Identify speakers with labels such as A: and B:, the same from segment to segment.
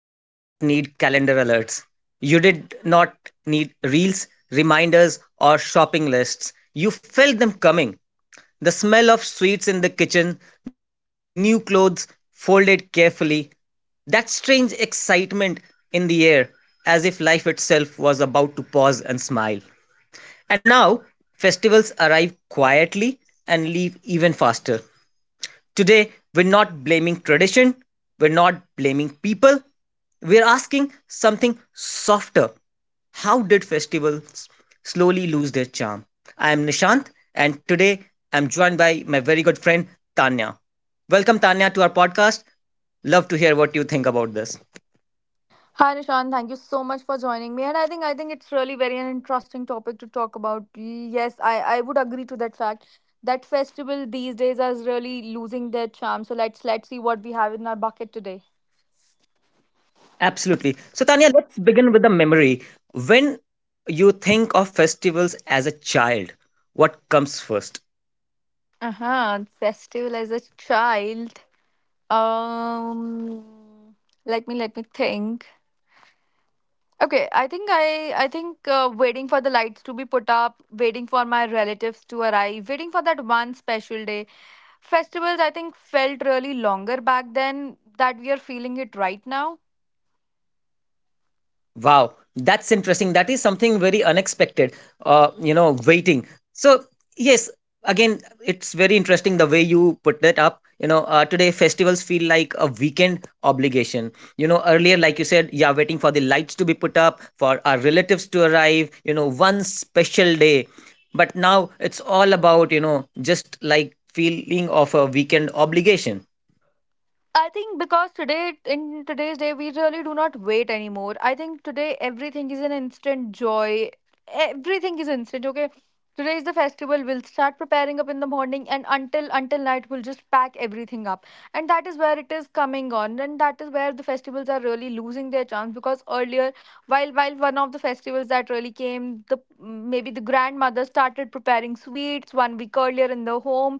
A: did not need calendar alerts. You did not need reels, reminders, or shopping lists. You felt them coming. The smell of sweets in the kitchen, new clothes folded carefully, that strange excitement in the air, as if life itself was about to pause and smile. And now, festivals arrive quietly and leave even faster. Today, we're not blaming tradition, we're not blaming people, we're asking something softer. How did festivals slowly lose their charm? I am Nishant, and today I'm joined by my very good friend Tanya. Welcome, Tanya, to our podcast. Love to hear what you think about this.
B: Hi Nishan, thank you so much for joining me. And I think it's really very an interesting topic to talk about. Yes, I would agree to that fact. That festival these days is really losing their charm. So let's see what we have in our bucket today.
A: Absolutely. So, Tanya, let's begin with a memory. When you think of festivals as a child, what comes first?
B: Uh-huh. Festival as a child. Um let me think. Okay, I think I think waiting for the lights to be put up, waiting for my relatives to arrive, waiting for that one special day. Festivals I think felt really longer back then that we are feeling it right now.
A: Wow, that's interesting. That is something very unexpected. Waiting. So yes, again, it's very interesting the way you put that up. Today festivals feel like a weekend obligation. You know, earlier, like you said, yeah, waiting for the lights to be put up, for our relatives to arrive. You know, one special day. But now it's all about just like feeling of a weekend obligation.
B: I think because today, in today's day, we really do not wait anymore. I think today everything is an instant joy. Everything is instant. Okay, today is the festival. We'll start preparing up in the morning, and until night, we'll just pack everything up. And that is where it is coming on, and that is where the festivals are really losing their chance. Because earlier, while one of the festivals that really came, the maybe the grandmother started preparing sweets 1 week earlier in the home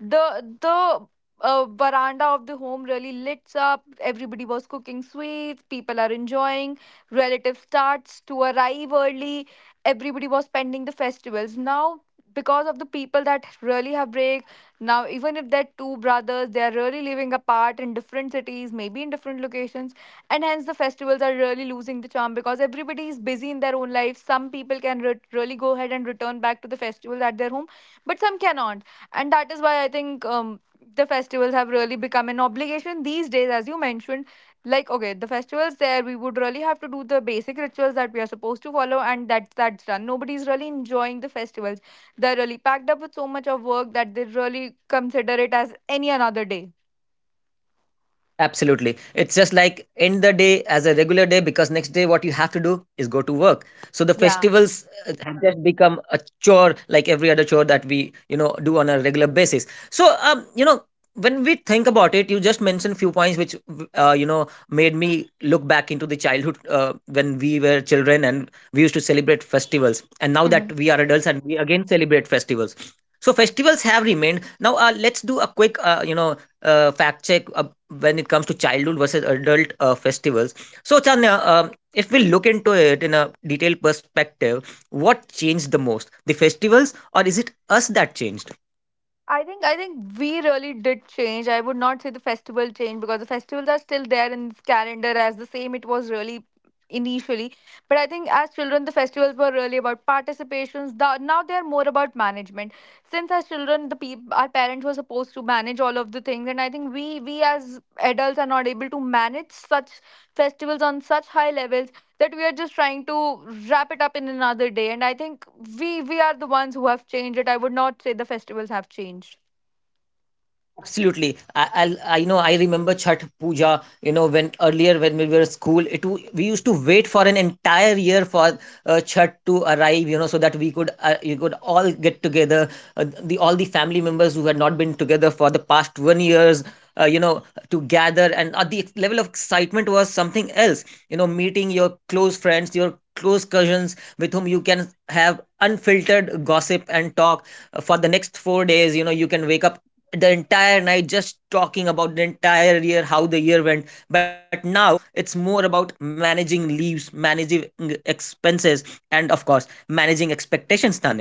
B: the veranda of the home really lit up. Everybody was cooking sweets. People are enjoying. Relative starts to arrive early. Everybody was spending the festivals. Now, because of the people that really have break, now even if they're two brothers, they are really living apart in different cities, maybe in different locations, and hence the festivals are really losing the charm because everybody is busy in their own life. Some people can really go ahead and return back to the festivals at their home, but some cannot, and that is why I think. The festivals have really become an obligation these days as you mentioned, like okay, the festivals there, we would really have to do the basic rituals that we are supposed to follow, and that's done. Nobody's really enjoying the festivals. They're really packed up with so much of work that they really consider it as any another day.
A: Absolutely. It's just like end the day as a regular day, because next day what you have to do is go to work. So the
B: Yeah.
A: festivals have just become a chore like every other chore that we, you know, do on a regular basis. So when we think about it, you just mentioned few points which made me look back into the childhood when we were children and we used to celebrate festivals. And now that we are adults and we again celebrate festivals. So festivals have remained. Now let's do a quick fact check when it comes to childhood versus adult festivals. So, Chanya, if we look into it in a detailed perspective, what changed the most? The festivals, or is it us that changed?
B: I think we really did change. I would not say the festival changed because the festivals are still there in this calendar as the same it was really initially. But I think as children the festivals were really about participations. Now they are more about management. Since as children the peop our parents were supposed to manage all of the things, and I think we as adults are not able to manage such festivals on such high levels, that we are just trying to wrap it up in another day. And I think we are the ones who have changed it. I would not say the festivals have changed.
A: Absolutely. I know I remember Chhat Puja, you know, when earlier when we were school, we used to wait for an entire year for Chhat to arrive, you know, so that we could you could all get together, the all the family members who had not been together for the past 1 year, you know, to gather and the level of excitement was something else. You know, meeting your close friends, your close cousins with whom you can have unfiltered gossip and talk for the next 4 days. You know, you can wake up the entire night just talking about the entire year, how the year went. But now it's more about managing leaves, managing expenses, and of course managing expectations, Tanya.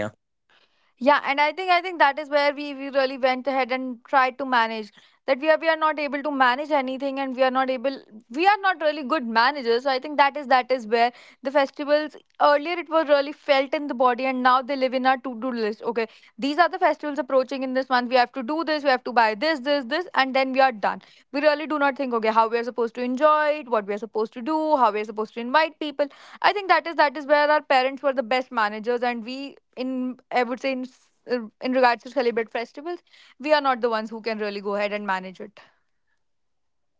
B: Yeah, and I think that is where we really went ahead and tried to manage, that we are not able to manage anything, and we are not able, we are not really good managers. So I think that is where the festivals earlier it was really felt in the body, and now they live in our to do list. Okay, these are the festivals approaching in this month. We have to do this. We have to buy this, and then we are done. We really do not think okay, how we are supposed to enjoy it, what we are supposed to do, how we are supposed to invite people. I think that is where our parents were the best managers, and we, in I would say in in regards to celebrate festivals, we are not the ones who can really go ahead and manage it.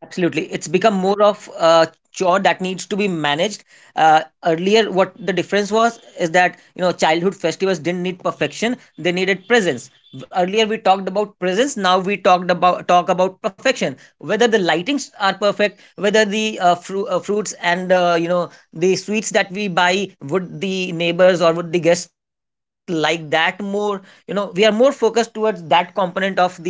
A: Absolutely. It's become more of a chore that needs to be managed. Earlier, what the difference was is that, you know, childhood festivals didn't need perfection, they needed presence. Earlier we talked about presence, now we talked about talk about perfection. Whether the lightings are perfect, whether the fruits and the sweets that we buy, would the neighbors or would the guests like that more? You know, we are more focused towards that component of the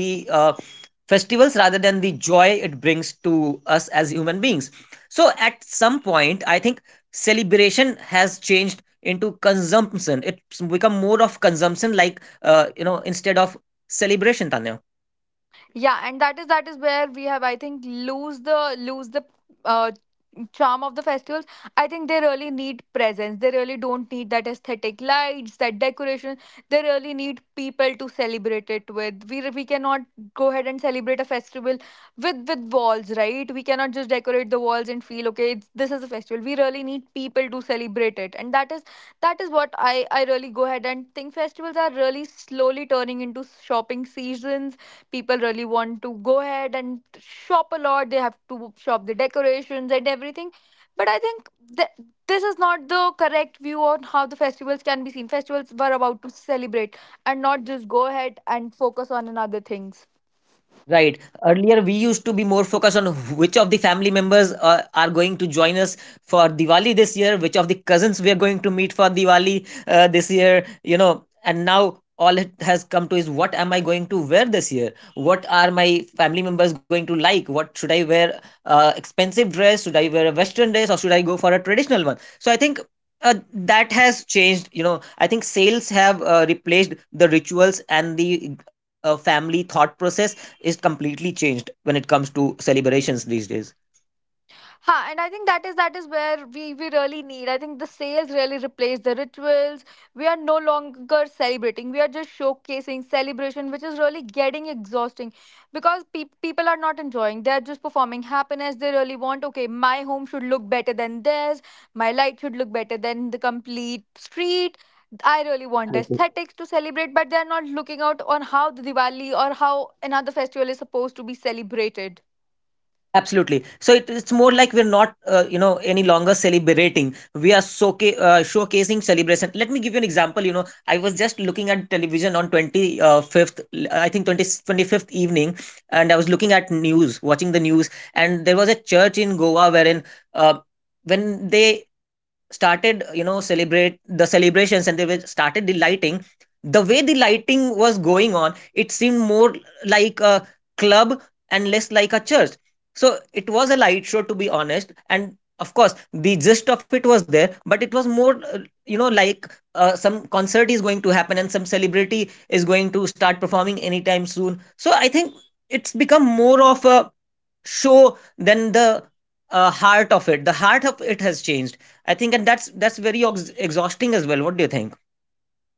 A: festivals rather than the joy it brings to us as human beings. So, at some point, I think celebration has changed into consumption. It's become more of consumption, instead of celebration, Tanya.
B: Yeah, and that is where we have, I think, lose the uh, charm of the festivals. I think they really need presence. They really don't need that aesthetic lights, that decoration. They really need people to celebrate it with. We cannot go ahead and celebrate a festival with walls, right? We cannot just decorate the walls and feel okay, this is a festival. We really need people to celebrate it, and that is what I really go ahead and think festivals are really slowly turning into shopping seasons. People really want to go ahead and shop a lot. They have to shop the decorations and everything. But I think that this is not the correct view on how the festivals can be seen. Festivals were about to celebrate, and not just go ahead and focus on another things.
A: Right. Earlier, we used to be more focused on which of the family members are going to join us for Diwali this year, which of the cousins we are going to meet for Diwali this year, you know. And now all it has come to is, what am I going to wear this year? What are my family members going to like? What should I wear? Expensive dress? Should I wear a Western dress or should I go for a traditional one? So I think that has changed. You know, I think sales have replaced the rituals, and the family thought process is completely changed when it comes to celebrations these days.
B: Ha, and I think that is where we really need. I think the sales really replace the rituals. We are no longer celebrating. We are just showcasing celebration, which is really getting exhausting, because people are not enjoying. They are just performing happiness. They really want, okay, my home should look better than theirs. My light should look better than the complete street. I really want aesthetics to celebrate, but they are not looking out on how the Diwali or how another festival is supposed to be celebrated.
A: Absolutely. So it's more like we're not, any longer celebrating. We are showcasing celebration. Let me give you an example. You know, I was just looking at television on 25th, I think twenty twenty fifth evening, and I was looking at news, watching the news, and there was a church in Goa wherein uh, when they started, you know, celebrate the celebrations and they were started the lighting, the way the lighting was going on, it seemed more like a club and less like a church. So it was a light show, to be honest. And of course, the gist of it was there, but it was more, you know, like some concert is going to happen and some celebrity is going to start performing anytime soon. So I think it's become more of a show than the heart of it. The heart of it has changed, I think, and that's very exhausting as well. What do you think?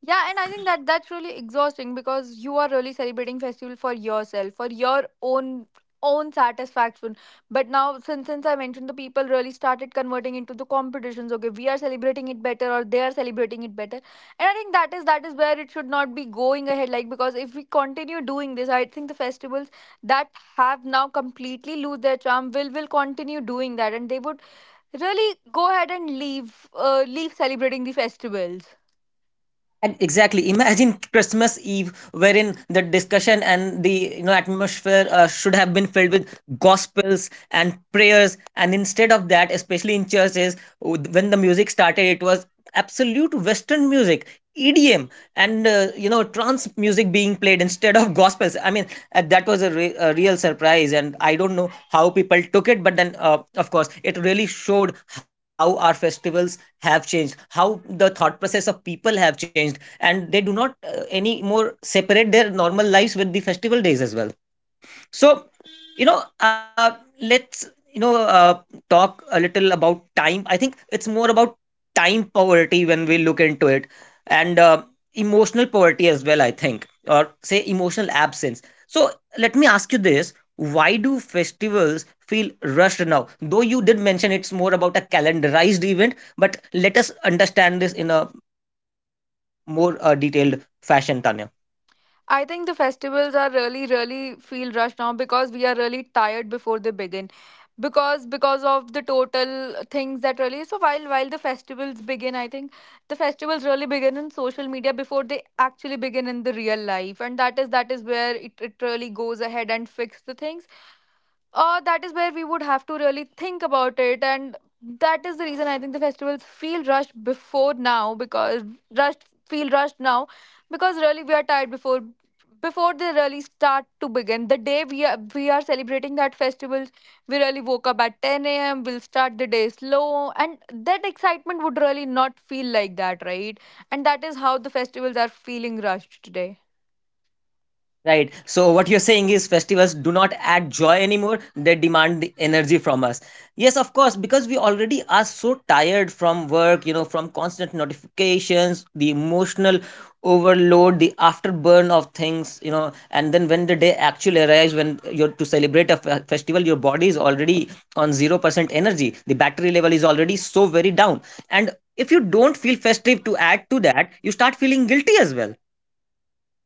B: Yeah, and I think that that's really exhausting, because you are really celebrating festival for yourself, for your own satisfaction. But now, since I mentioned, the people really started converting into the competitions. Okay, we are celebrating it better, or they are celebrating it better, and I think that is where it should not be going ahead. Like because if we continue doing this, I think the festivals that have now completely lose their charm will continue doing that, and they would really go ahead and leave celebrating the festivals.
A: And exactly. Imagine Christmas Eve, wherein the discussion and the, you know, atmosphere should have been filled with gospels and prayers, and instead of that, especially in churches, when the music started, it was absolute Western music, EDM, and trance music being played instead of gospels. I mean, that was a, a real surprise, and I don't know how people took it, but then of course, it really showed how our festivals have changed, how the thought process of people have changed, and they do not any more separate their normal lives with the festival days as well. So, you know, let's you know talk a little about time. I think it's more about time poverty when we look into it, and emotional poverty as well. I think, or say emotional absence. So, let me ask you this: Why do festivals feel rushed now? Though you did mention it's more about a calendarized event, but let us understand this in a more detailed fashion, Tanya.
B: I think the festivals are really, really feel rushed now because we are really tired before they begin. Because of the total things that really, so while the festivals begin, I think the festivals really begin in social media before they actually begin in the real life. And that is where it really goes ahead and fix the things, that is where we would have to really think about it, and that is the reason I think the festivals feel rushed before now, because rushed feel rushed now really we are tired before they really start to begin the day. We are celebrating that festivals. We really woke up at 10 a.m., we'll start the day slow, and that excitement would really not feel like that, right? And that is how the festivals are feeling rushed today.
A: Right. So what you're saying is festivals do not add joy anymore. They demand the energy from us. Yes, of course, because we already are so tired from work, you know, from constant notifications, the emotional overload, the afterburn of things, you know, and then when the day actually arrives, when you're to celebrate a festival, your body is already on 0% energy. The battery level is already so very down. And if you don't feel festive to add to that, you start feeling guilty as well.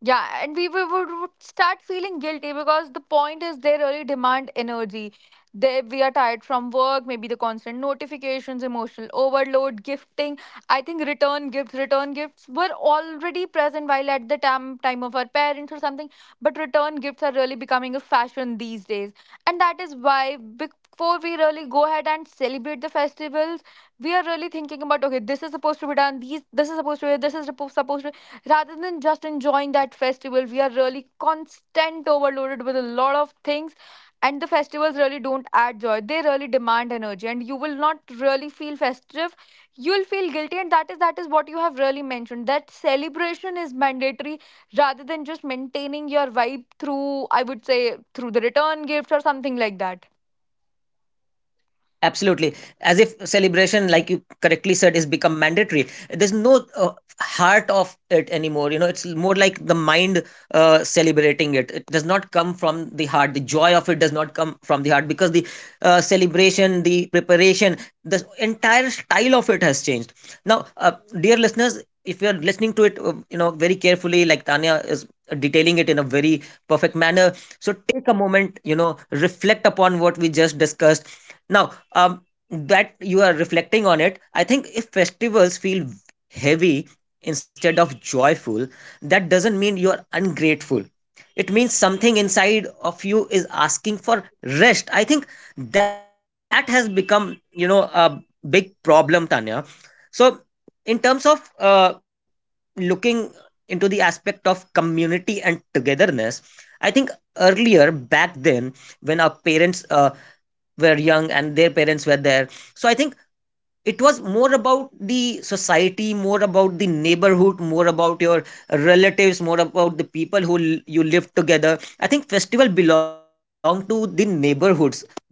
B: Yeah, and we would start feeling guilty because the point is they really demand energy. They, we are tired from work, maybe the constant notifications, emotional overload, gifting. I think return gifts were already present while at the time of our parents or something. But return gifts are really becoming a fashion these days, and that is why before we really go ahead and celebrate the festivals, we are really thinking about okay, this is supposed to be done, these this is supposed to be, this is supposed to be, rather than just enjoying that festival. We are really constant overloaded with a lot of things, and the festivals really don't add joy, they really demand energy, and you will not really feel festive, you'll feel guilty. And that is what you have really mentioned, that celebration is mandatory, rather than just maintaining your vibe through, I would say through the return gifts or something like that.
A: Absolutely. As if celebration, like you correctly said, is become mandatory. There's no heart of it anymore. You know, it's more like the mind celebrating it. It does not come from the heart. The joy of it does not come from the heart, because the celebration, the preparation, the entire style of it has changed. Now, dear listeners, if you're listening to it, you know, very carefully, like Tanya is detailing it in a very perfect manner. So take a moment, you know, reflect upon what we just discussed. Now, that you are reflecting on it, I think if festivals feel heavy instead of joyful, that doesn't mean you're ungrateful. It means something inside of you is asking for rest. I think that has become, you know, a big problem, Tanya. So, in terms of looking into the aspect of community and togetherness, I think earlier back then, when our parents were young and their parents were there, so I think it was more about the society, more about the neighborhood, more about your relatives, more about the people who you lived together. I think festival belonged to the neighborhoods back then.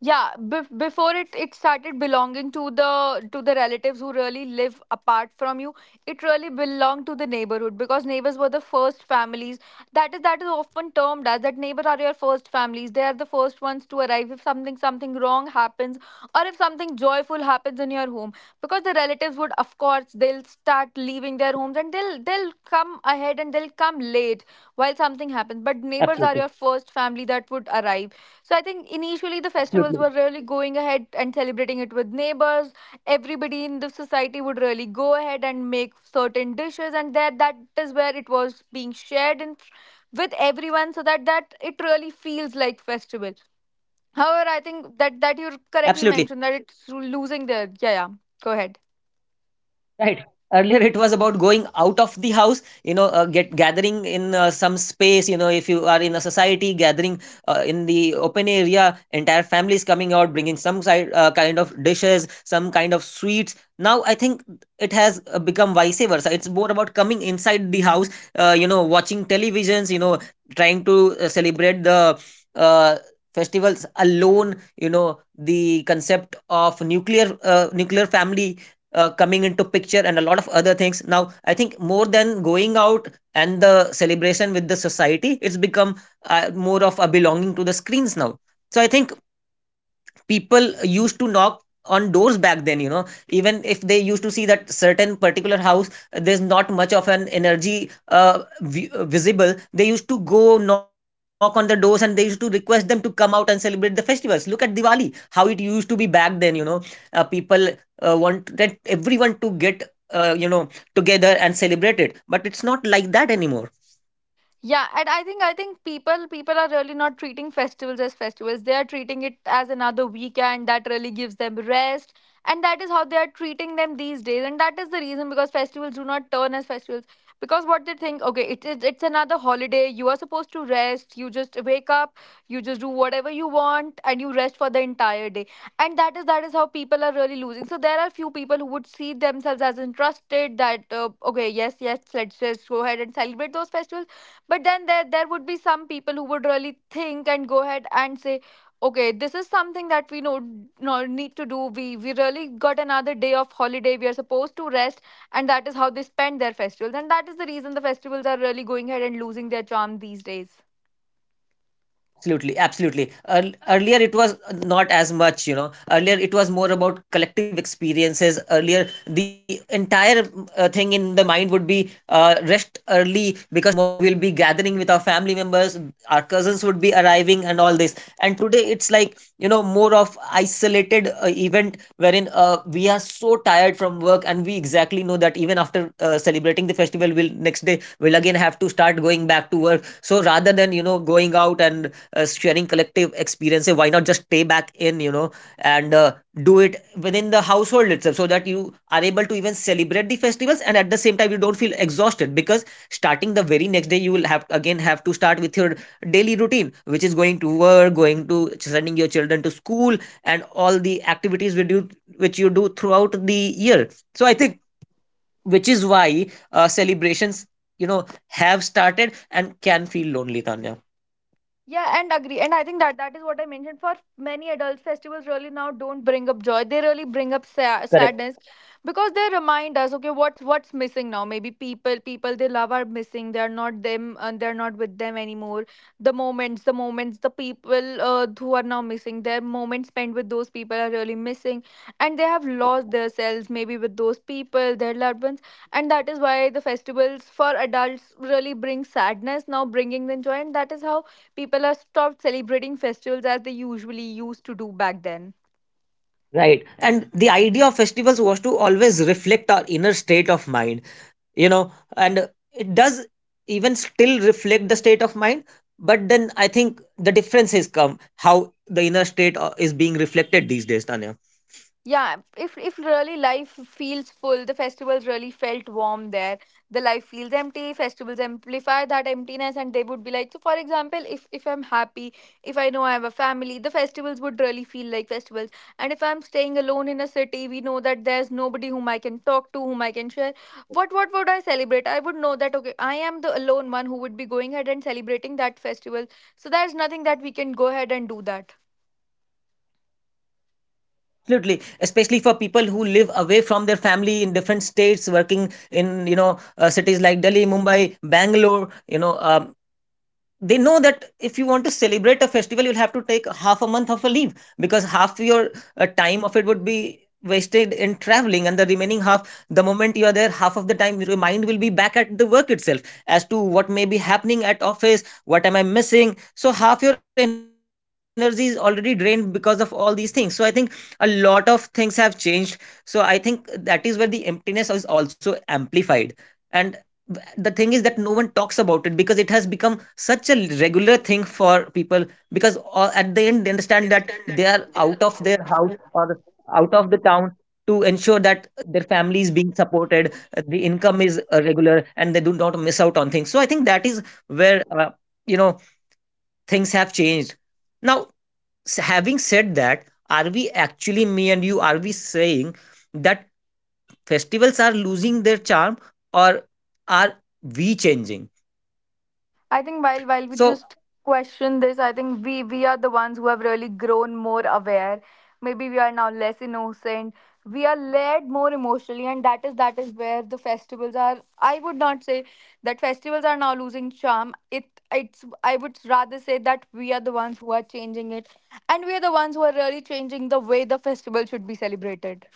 B: Yeah, before it started belonging to the relatives who really live apart from you. It really belonged to the neighborhood because neighbors were the first families. That is often termed as that neighbors are your first families. They are the first ones to arrive if something wrong happens, or if something joyful happens in your home. Because the relatives, would of course they'll start leaving their homes, and they'll come ahead and they'll come late while something happens. But neighbors are
A: Absolutely.
B: your first family that would arrive. So I think initially the festivals were
A: Absolutely.
B: really going ahead and celebrating it with neighbors. Everybody in the society would really go ahead and make certain dishes, and that is where it was being shared in, with everyone, so that it really feels like festival. However, I think that
A: Absolutely.
B: you correctly mentioned that it's losing the, yeah, yeah. Go ahead.
A: Right. Earlier, it was about going out of the house, you know, get gathering in some space. You know, if you are in a society, gathering in the open area, entire families coming out, bringing some side, kind of dishes, some kind of sweets. Now, I think it has become vice versa. It's more about coming inside the house, you know, watching televisions, you know, trying to celebrate the uh, festivals alone. You know, the concept of nuclear nuclear family coming into picture and a lot of other things. Now, I think more than going out and the celebration with the society, it's become more of a belonging to the screens now. So I think people used to knock on doors back then, you know. Even if they used to see that certain particular house there's not much of an energy visible, they used to go knock on the doors and they used to request them to come out and celebrate the festivals. Look at Diwali, how it used to be back then, you know. People wanted everyone to get uh, you know together and celebrate it, but it's not like that anymore.
B: Yeah, and I think people are really not treating festivals as festivals. They are treating it as another weekend that really gives them rest, and that is how they are treating them these days. And that is the reason because festivals do not turn as festivals, because what they think, okay, it's another holiday. You are supposed to rest. You just wake up, you just do whatever you want, and you rest for the entire day. And that is how people are really losing. So there are few people who would see themselves as interested that okay, yes, yes, let's just go ahead and celebrate those festivals, but then there would be some people who would really think and go ahead and say, okay, this is something that we know, no, need to do. We really got another day of holiday. We are supposed to rest, and that is how they spend their festivals. And that is the reason the festivals are really going ahead and losing their charm these days.
A: Absolutely, absolutely. Earlier, it was not as much, you know. Earlier, it was more about collective experiences. Earlier, the entire thing in the mind would be rest early, because tomorrow we'll be gathering with our family members, our cousins would be arriving, and all this. And today, it's like, you know, more of isolated event wherein we are so tired from work and we exactly know that even after celebrating the festival we'll next day we'll again have to start going back to work. So rather than, you know, going out and sharing collective experiences, why not just stay back in, you know, and do it within the household itself, so that you are able to even celebrate the festivals and at the same time you don't feel exhausted, because starting the very next day you will have again have to start with your daily routine, which is going to work, going to sending your children to school and all the activities which you do throughout the year. So I think, which is why celebrations, you know, have started and can feel lonely, Tanya.
B: Yeah, and agree. And I think that that is what I mentioned: for many adults, festivals really now don't bring up joy. They really bring up
A: Correct.
B: sadness because they remind us, okay, what's missing now? Maybe people they love are missing. They are not them and they're not with them anymore. The moments, the people who are now missing, their moments spent with those people are really missing, and they have lost themselves maybe with those people, their loved ones. And that is why the festivals for adults really bring sadness now, bringing them joy, and that is how people are stopped celebrating festivals as they usually used to do back then.
A: Right, and the idea of festivals was to always reflect our inner state of mind, you know, and it does even still reflect the state of mind. But then I think the difference has come how the inner state is being reflected these days, Tanya.
B: Yeah, if really life feels full, the festivals really felt warm there. The life feels empty, festivals amplify that emptiness, and they would be like, so for example, if I'm happy, if I know I have a family, the festivals would really feel like festivals. And if I'm staying alone in a city, we know that there's nobody whom I can talk to, whom I can share. What would I celebrate? I would know that okay, I am the alone one who would be going ahead and celebrating that festival. So there's nothing that we can go ahead and do that.
A: Absolutely, especially for people who live away from their family in different states, working in, you know, cities like Delhi, Mumbai, Bangalore, you know. They know that if you want to celebrate a festival, you'll have to take half a month of a leave, because half your time of it would be wasted in traveling, and the remaining half, the moment you are there, half of the time your mind will be back at the work itself, as to what may be happening at office, what am I missing. So half your energy is already drained because of all these things. So I think a lot of things have changed. So I think that is where the emptiness is also amplified, and the thing is that no one talks about it because it has become such a regular thing for people, because all, at the end, they understand that they are out of their house or out of the town to ensure that their family is being supported, the income is regular, and they do not miss out on things. So I think that is where, you know things have changed now. Having said that, are we actually me and you, are we saying that festivals are losing their charm, or are we changing?
B: I think while we
A: So
B: just question this, I think we are the ones who have really grown more aware. Maybe we are now less innocent. We are led more emotionally, and that is where the festivals are. I would not say that festivals are now losing charm. It's I would rather say that we are the ones who are changing it, and we are the ones who are really changing the way the festival should be celebrated.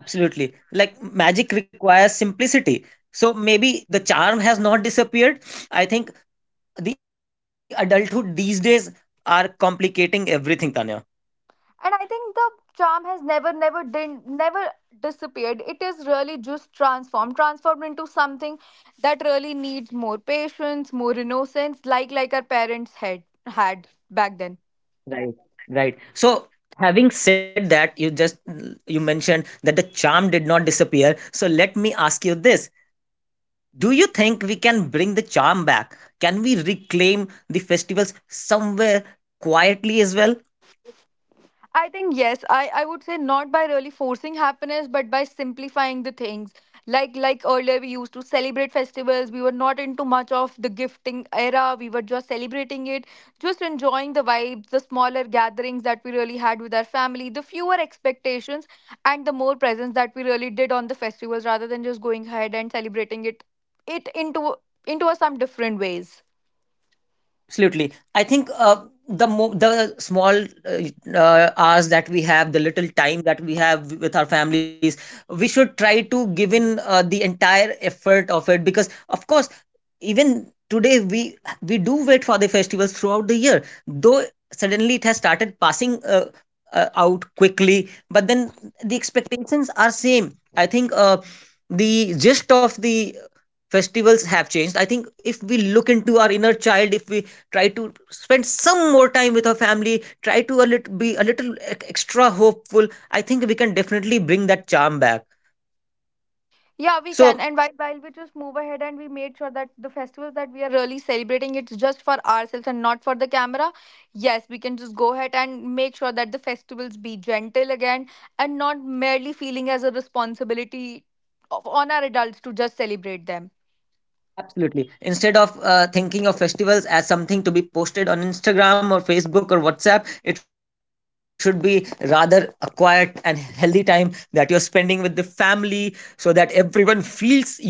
A: absolutely. Like magic requires simplicity. So maybe the charm has not disappeared. I think the adulthood these days are complicating everything, Tanya.
B: And I think the charm has never disappeared. It is really just transformed, transformed into something that really needs more patience, more innocence, like our parents had had back then.
A: Right, right. So having said that, you mentioned that the charm did not disappear. So let me ask you this. Do you think we can bring the charm back? Can we reclaim the festivals somewhere quietly as well?
B: I think yes. I would say not by really forcing happiness, but by simplifying the things. Like earlier we used to celebrate festivals. We were not into much of the gifting era. We were just celebrating it, just enjoying the vibes, the smaller gatherings that we really had with our family, the fewer expectations and the more presence that we really did on the festivals rather than just going ahead and celebrating it into some different ways.
A: Absolutely. I think the small hours that we have, the little time that we have with our families, we should try to give in the entire effort of it, because of course, even today we do wait for the festivals throughout the year. Though suddenly it has started passing out quickly, but then the expectations are same. I think the gist of the festivals have changed. I think if we look into our inner child, if we try to spend some more time with our family, try to be a little extra hopeful, I think we can definitely bring that charm back.
B: Yeah, we can.
A: So
B: And while we just move ahead and we made sure that the festivals that we are really celebrating, it's just for ourselves and not for the camera. Yes, we can just go ahead and make sure that the festivals be gentle again and not merely feeling as a responsibility of, on our adults to just celebrate them.
A: absolutely. Instead of thinking of festivals as something to be posted on Instagram or Facebook or WhatsApp, it should be rather a quiet and healthy time that you're spending with the family, so that everyone feels your presence,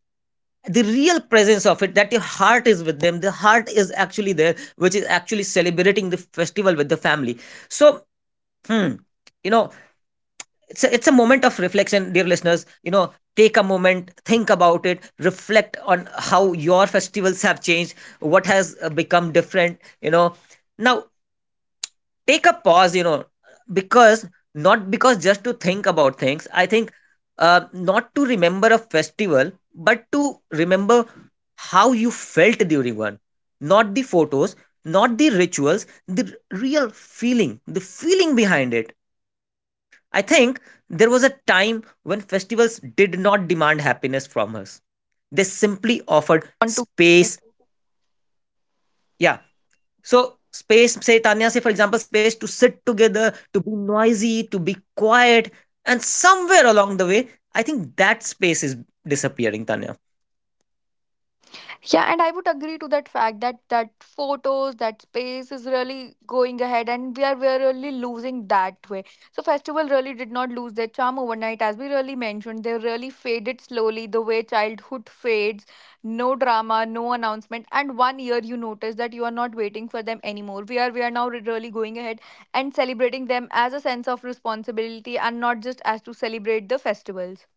A: the real presence of it, that your heart is with them, the heart is actually there, which is actually celebrating the festival with the family. So Hmm. You know, it's a moment of reflection, dear listeners. You know, take a moment, think about it, reflect on how your festivals have changed, what has become different. You know, now take a pause. You know, because not because just to think about things. I think not to remember a festival, but to remember how you felt during one. Not the photos, not the rituals, the real feeling, the feeling behind it. I think there was a time when festivals did not demand happiness from us. They simply offered
B: To
A: space.
B: it.
A: Yeah. So, space, say Tanya, say for example, space to sit together, to be noisy, to be quiet. And somewhere along the way, I think that space is disappearing, Tanya.
B: Yeah, and I would agree to that fact that that photos, that space is really going ahead, and we are really losing that way. So festival really did not lose their charm overnight, as we really mentioned. They really faded slowly, the way childhood fades. No drama, no announcement, and one year you notice that you are not waiting for them anymore. We are now really going ahead and celebrating them as a sense of responsibility, and not just as to celebrate the festivals.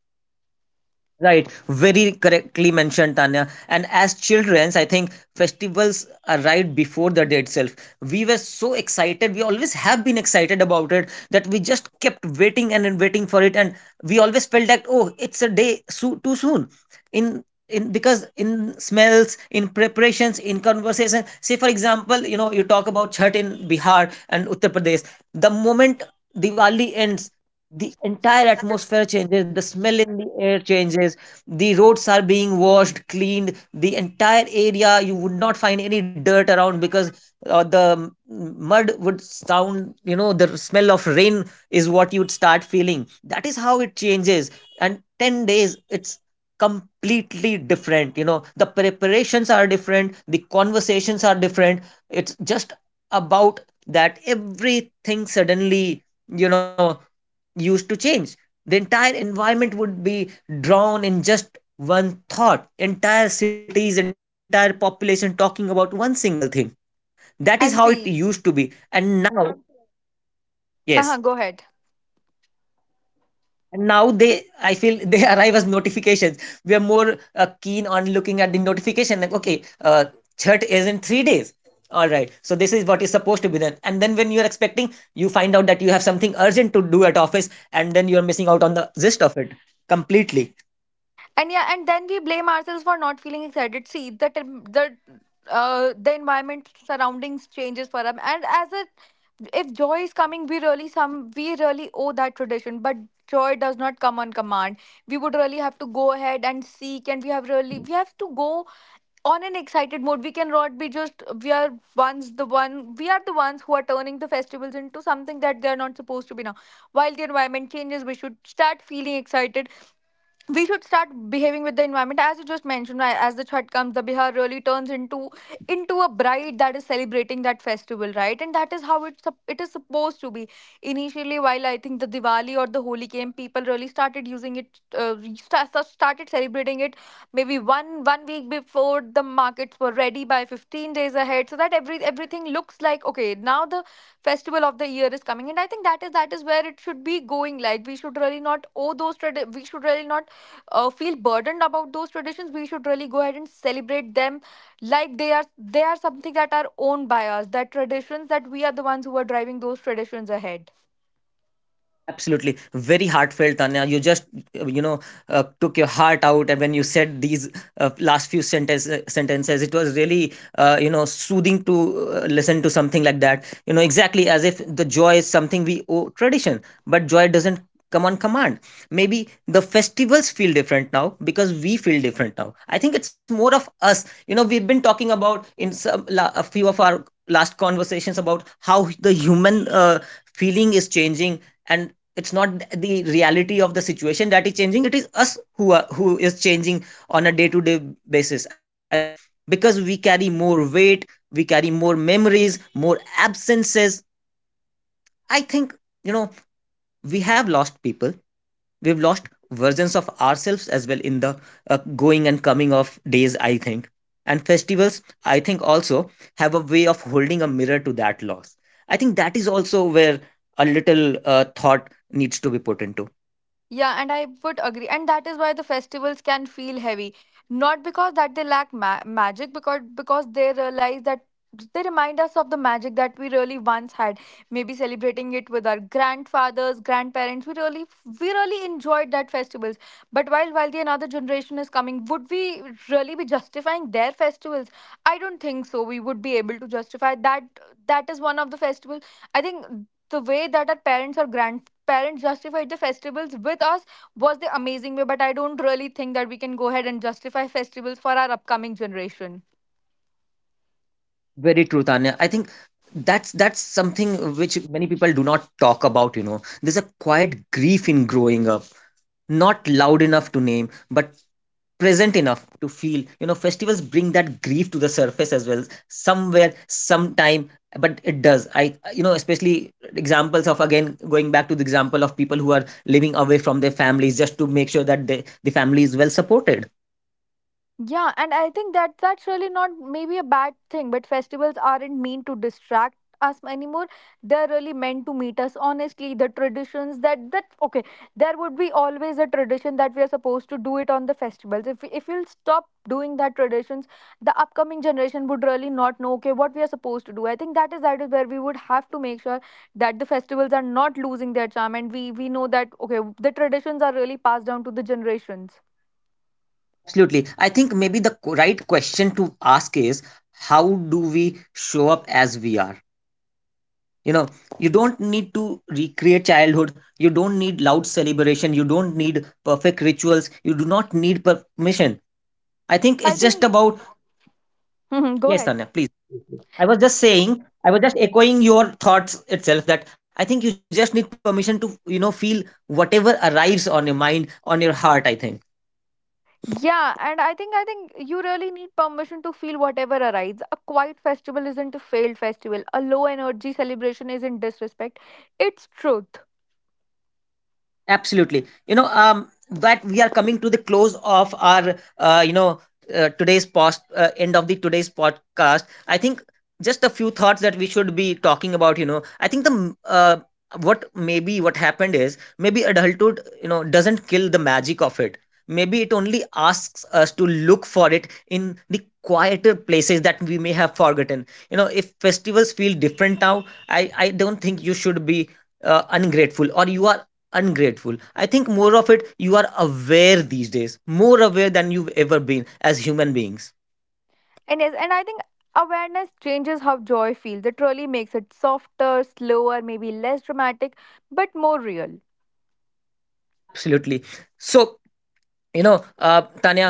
A: Right, very correctly mentioned, Tanya. And as childrens, I think festivals arrived before the day itself. We were so excited. We always have been excited about it, that we just kept waiting and then waiting for it, and we always felt that oh, it's a day too soon. In in, because in smells, in preparations, in conversation. Say, for example, you know, you talk about Chhat in Bihar and Uttar Pradesh. The moment Diwali ends, the entire atmosphere changes, the smell in the air changes, the roads are being washed, cleaned. The entire area you would not find any dirt around, because mud would sound, you know, the smell of rain is what you'd start feeling. That is how it changes. And 10 days it's completely different, you know. The preparations are different, the conversations are different. It's just about that everything suddenly, you know, used to change. The entire environment would be drawn in just one thought. Entire cities, entire population talking about one single thing. That is
B: And
A: how it
B: see,
A: used to be. And now,
B: haha,
A: yes.
B: go ahead.
A: And now they, I feel they arrive as notifications. We are more keen on looking at the notification. Like, okay, Chhat is in 3 days. All right. So this is what is supposed to be done. And then when you are expecting, you find out that you have something urgent to do at office, and then you are missing out on the gist of it completely.
B: And yeah, and then we blame ourselves for not feeling excited. See, the tem- the environment surroundings changes for us, and as a, if joy is coming, we really some, we really owe that tradition, but joy does not come on command. We would really have to go ahead and seek, and we have really, we have to go on an excited mode. We cannot be just, we are ones, the one, we are the ones who are turning the festivals into something that they are not supposed to be now. While the environment changes, we should start feeling excited. We should start behaving with the environment as you just mentioned, right, as the Chhat comes, the Bihar really turns into a bride that is celebrating that festival, right? And that is how it is supposed to be. Initially, while I think the Diwali or the Holi came, people really started using it, started celebrating it maybe one week before. The markets were ready by 15 days ahead, so that everything looks like, okay, now the festival of the year is coming. And I think that is where it should be going. Like, we should really not owe those we should really not feel burdened about those traditions. We should really go ahead and celebrate them like they are, they are something that are owned by us, that traditions, that we are the ones who are driving those traditions ahead.
A: Absolutely. Very heartfelt, Tanya. You took your heart out and when you said these last few sentences. It was really, you know, soothing to listen to something like that. You know, exactly. As if the joy is something we owe tradition, but joy doesn't come on command. Maybe the festivals feel different now because we feel different now. I think it's more of us. You know, we've been talking about in some, a few of our last conversations about how the human feeling is changing, and it's not the reality of the situation that is changing, it is us who are who is changing on a day to day basis. I think because we carry more weight, we carry more memories, more absences. I think, you know, we have lost people, we've lost versions of ourselves as well in the uh, going and coming of days, I think. And festivals, I think, also have a way of holding a mirror to that loss. I think that is also where a little thought needs to be put into.
B: Yeah, and I would agree. And that is why the festivals can feel heavy. Not because that they lack magic, because they realize that they remind us of the magic that we really once had. Maybe celebrating it with our grandfathers, grandparents. We really enjoyed that festivals. But while the another generation is coming, would we really be justifying their festivals? I don't think so. We would be able to justify that. That is one of the festivals. I think the way that our parents or grandparents parents justified the festivals with us was the amazing way, but I don't really think that we can go ahead and justify festivals for our upcoming generation.
A: Very true, Tanya. I think that's something which many people do not talk about, you know. There's a quiet grief in growing up, not loud enough to name, but present enough to feel. You know, festivals bring that grief to the surface as well, somewhere, sometime, but it does. I, you know, especially examples of again, going back to the example of people who are living away from their families just to make sure that the family is well supported.
B: Yeah, and I think that that's really not maybe a bad thing, but festivals aren't meant to distract us anymore. They're really meant to meet us honestly. The traditions, that that okay, there would be always a tradition that we are supposed to do it on the festivals. If we'll stop doing that traditions, the upcoming generation would really not know okay what we are supposed to do. I think that is where we would have to make sure that the festivals are not losing their charm, and we know that okay the traditions are really passed down to the generations.
A: Absolutely. I think maybe the right question to ask is how do we show up as we are? You know, you don't need to recreate childhood. You don't need loud celebration. You don't need perfect rituals. You do not need permission. I think
B: I
A: it's just
B: think.
A: about,
B: Mhm, go
A: yes,
B: ahead.
A: Tanya, please. I was just echoing your thoughts itself, that I think you just need permission to, you know, feel whatever arrives on your mind, on your heart, I think.
B: Yeah, and I think you really need permission to feel whatever arises. A quiet festival isn't a failed festival. A low energy celebration isn't disrespect. It's truth.
A: Absolutely. You know, that we are coming to the close of our, end of the today's podcast. I think just a few thoughts that we should be talking about. You know, I think what maybe what happened is, maybe adulthood, you know, doesn't kill the magic of it. Maybe it only asks us to look for it in the quieter places that we may have forgotten. You know, if festivals feel different now, I don't think you should be ungrateful, or you are ungrateful. I think more of it, you are aware these days, more aware than you've ever been as human beings.
B: And yes, and I think awareness changes how joy feels. It really makes it softer, slower, maybe less dramatic, but more real.
A: Absolutely. So, you know, Tanya,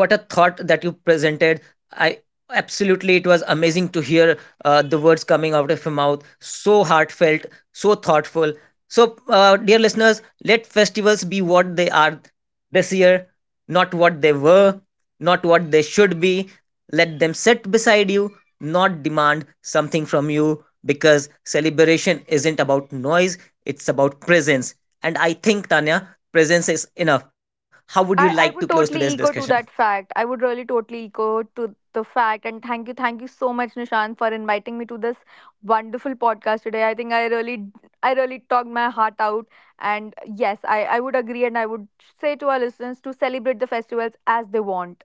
A: what a thought that you presented. I, absolutely, it was amazing to hear the words coming out of your mouth, so heartfelt, so thoughtful. So dear listeners, let festivals be what they are this year, not what they were, not what they should be. Let them sit beside you, not demand something from you, because celebration isn't about noise, it's about presence. And I think, Tanya, presence is enough. How would you like to
B: I,
A: close
B: I would
A: today's
B: totally
A: discussion?
B: echo to that fact. I would really totally echo to the fact. And thank you so much, Nishant, for inviting me to this wonderful podcast today. I think I really talked my heart out. And yes, I would agree, and I would say to our listeners to celebrate the festivals as they want.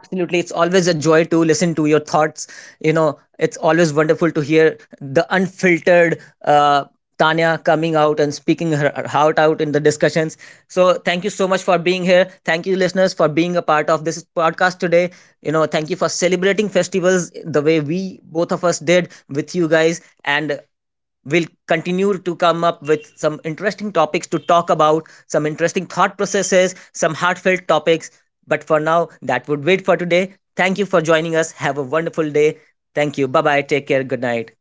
A: Absolutely. It's always a joy to listen to your thoughts. You know, it's always wonderful to hear the unfiltered uh, Tanya coming out and speaking her heart out in the discussions. So, thank you so much for being here. Thank you, listeners, for being a part of this podcast today. You know, thank you for celebrating festivals the way we, both of us, did with you guys. And we'll continue to come up with some interesting topics to talk about, some interesting thought processes, some heartfelt topics. But for now, that would wait for today. Thank you for joining us. Have a wonderful day. Thank you. Bye bye. Take care. Good night.